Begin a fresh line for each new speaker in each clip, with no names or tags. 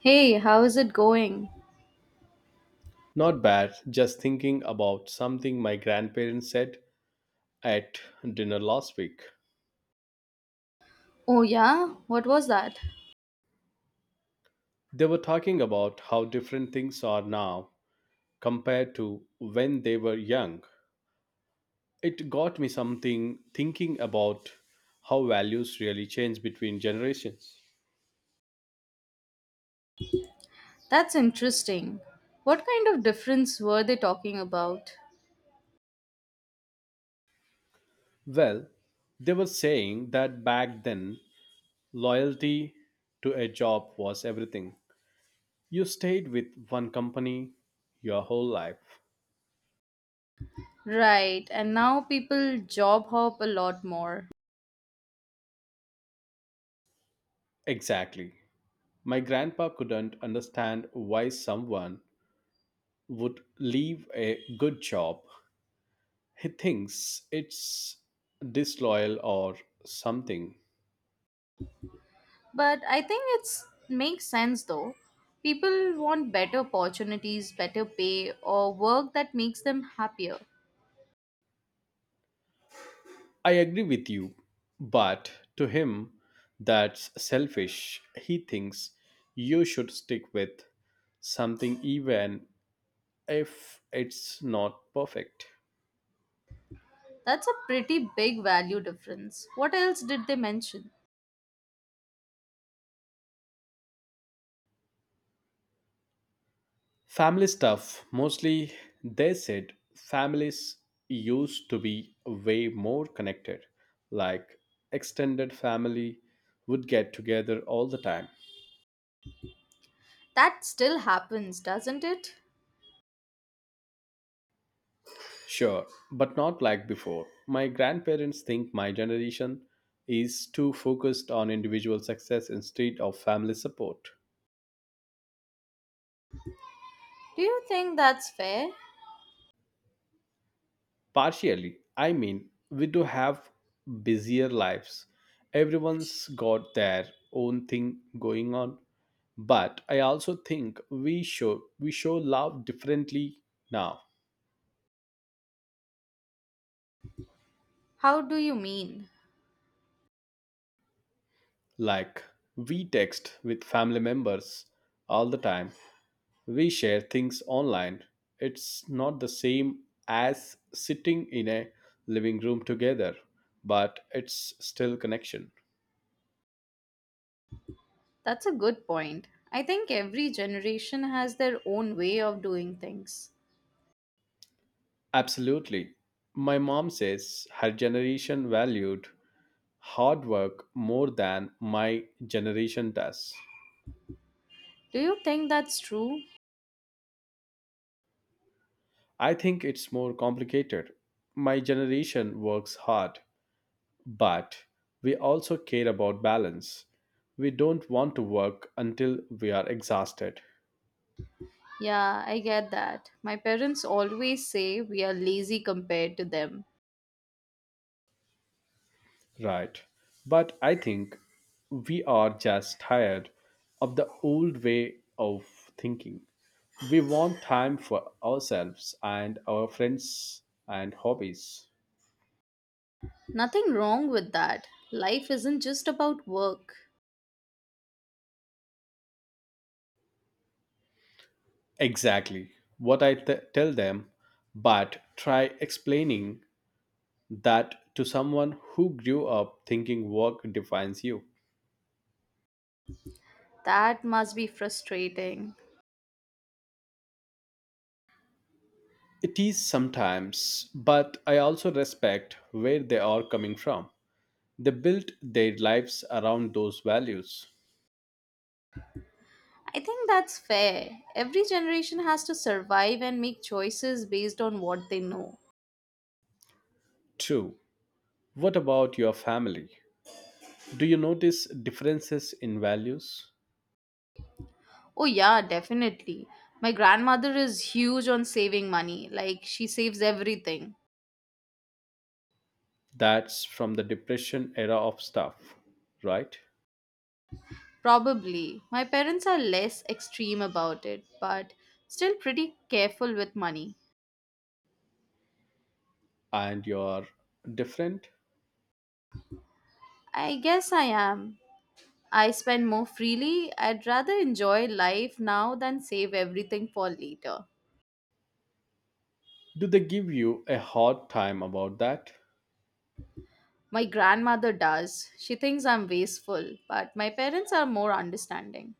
Hey, how is it going?
Not bad, just thinking about something my grandparents said at dinner last week.
Oh, yeah? What was that?
They were talking about how different things are now compared to when they were young. It got me something thinking about how values really change between generations.
That's interesting. What kind of difference were they talking about?
Well, they were saying that back then, loyalty to a job was everything. You stayed with one company your whole life.
Right, and now people job hop a lot more.
Exactly. My grandpa couldn't understand why someone would leave a good job. He thinks it's disloyal or something.
But I think it's makes sense though. People want better opportunities, better pay, or work that makes them happier.
I agree with you, but to him, that's selfish. He thinks you should stick with something even if it's not perfect.
That's a pretty big value difference. What else did they mention?
Family stuff. Mostly, they said families used to be way more connected. Like, extended family would get together all the time.
That still happens, doesn't it?
Sure, but not like before. My grandparents think my generation is too focused on individual success instead of family support.
Do you think that's fair?
Partially, I mean, we do have busier lives. Everyone's got their own thing going on. But I also think we show love differently now.
How do you mean?
Like, we text with family members all the time. We share things online. It's not the same as sitting in a living room together, but it's still connection.
That's a good point. I think every generation has their own way of doing things.
Absolutely. My mom says her generation valued hard work more than my generation does.
Do you think that's true?
I think it's more complicated. My generation works hard, but we also care about balance. We don't want to work until we are exhausted,
Yeah, I get that. My parents always say we are lazy compared to them.
right? But I think we are just tired of the old way of thinking. We want time for ourselves and our friends and hobbies.
Nothing wrong with that. Life isn't just about work.
Exactly what I tell them, but try explaining that to someone who grew up thinking work defines you.
That must be frustrating.
It is sometimes, but I also respect where they are coming from. They built their lives around those values.
I think that's fair. Every generation has to survive and make choices based on what they know.
True. What about your family? Do you notice differences in values?
Oh, yeah, definitely. My grandmother is huge on saving money. Like, she saves everything.
That's from the depression era of stuff, right?
Probably. My parents are less extreme about it, but still pretty careful with money.
And you're different?
I guess I am. I spend more freely. I'd rather enjoy life now than save everything for later.
Do they give you a hard time about that?
My grandmother does. She thinks I'm wasteful, but my parents are more understanding.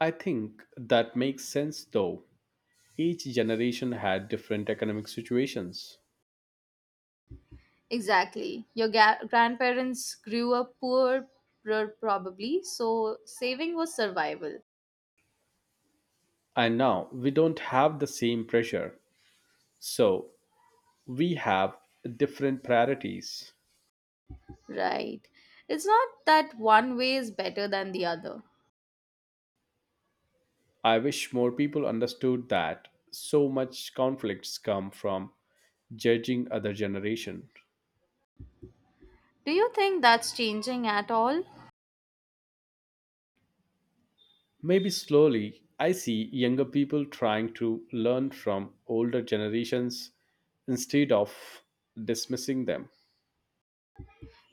I think that makes sense though. Each generation had different economic situations.
Exactly. Your grandparents grew up poor, probably, so saving was survival.
And now we don't have the same pressure. So we have different priorities.
Right. It's not that one way is better than the other.
I wish more people understood that so much conflicts come from judging other generation.
Do you think that's changing at all?
Maybe slowly I see younger people trying to learn from older generations instead of dismissing them.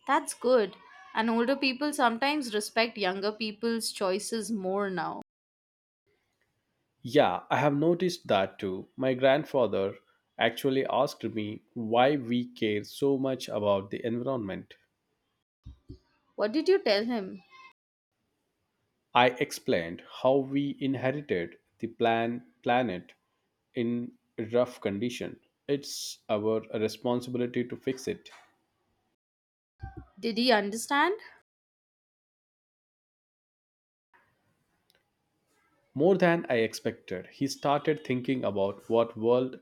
That's good. And older people sometimes respect younger people's choices more now.
Yeah, I have noticed that too. My grandfather actually asked me why we care so much about the environment.
What did you tell him?
I explained how we inherited the planet in rough condition. It's our responsibility to fix it.
Did he understand?
More than I expected, he started thinking about what world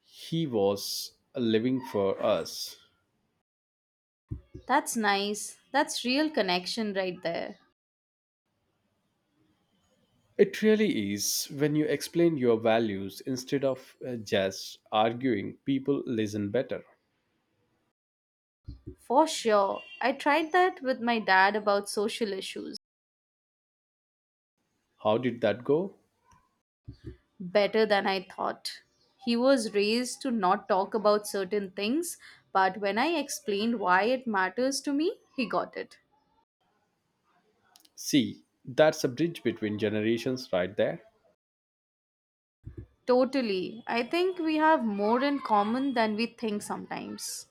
he was living for us.
That's nice. That's real connection right there.
It really is. When you explain your values instead of just arguing, people listen better.
For sure. I tried that with my dad about social issues.
How did that go?
Better than I thought. He was raised to not talk about certain things, but when I explained why it matters to me, he got it.
See, that's a bridge between generations right there.
Totally. I think we have more in common than we think sometimes.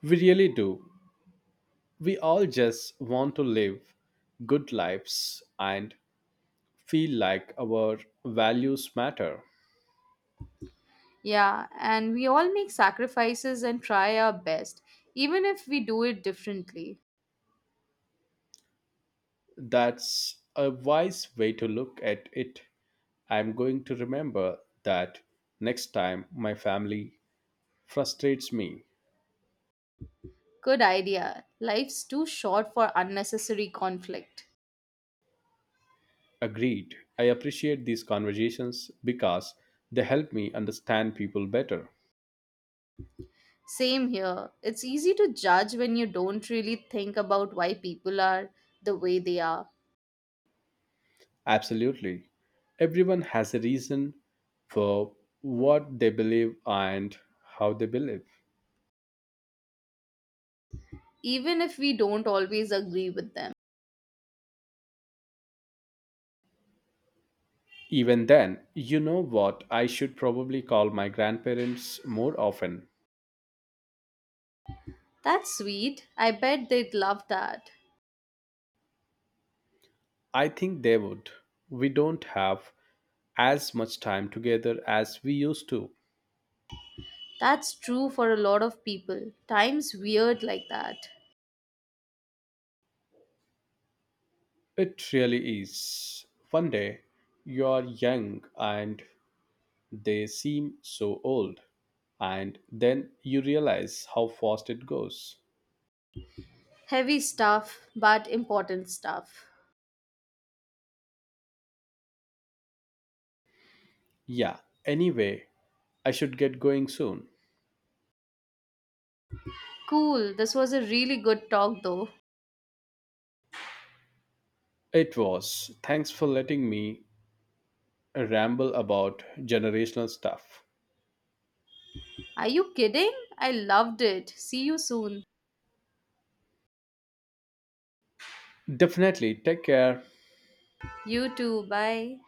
We really do. We all just want to live good lives and feel like our values matter.
Yeah, and we all make sacrifices and try our best, even if we do it differently.
That's a wise way to look at it. I'm going to remember that next time my family frustrates me.
Good idea. Life's too short for unnecessary conflict.
Agreed. I appreciate these conversations because they help me understand people better.
Same here. It's easy to judge when you don't really think about why people are the way they are.
Absolutely. Everyone has a reason for what they believe and how they believe.
Even if we don't always agree with them.
Even then, you know what? I should probably call my grandparents more often.
That's sweet. I bet they'd love that.
I think they would. We don't have as much time together as we used to.
That's true for a lot of people. Time's weird like that.
It really is. One day, you're young and they seem so old. And then you realize how fast it goes.
Heavy stuff, but important stuff.
Yeah, anyway, I should get going soon.
Cool. This was a really good talk, though.
It was. Thanks for letting me ramble about generational stuff.
Are you kidding? I loved it. See you soon.
Definitely, take care.
You too. Bye.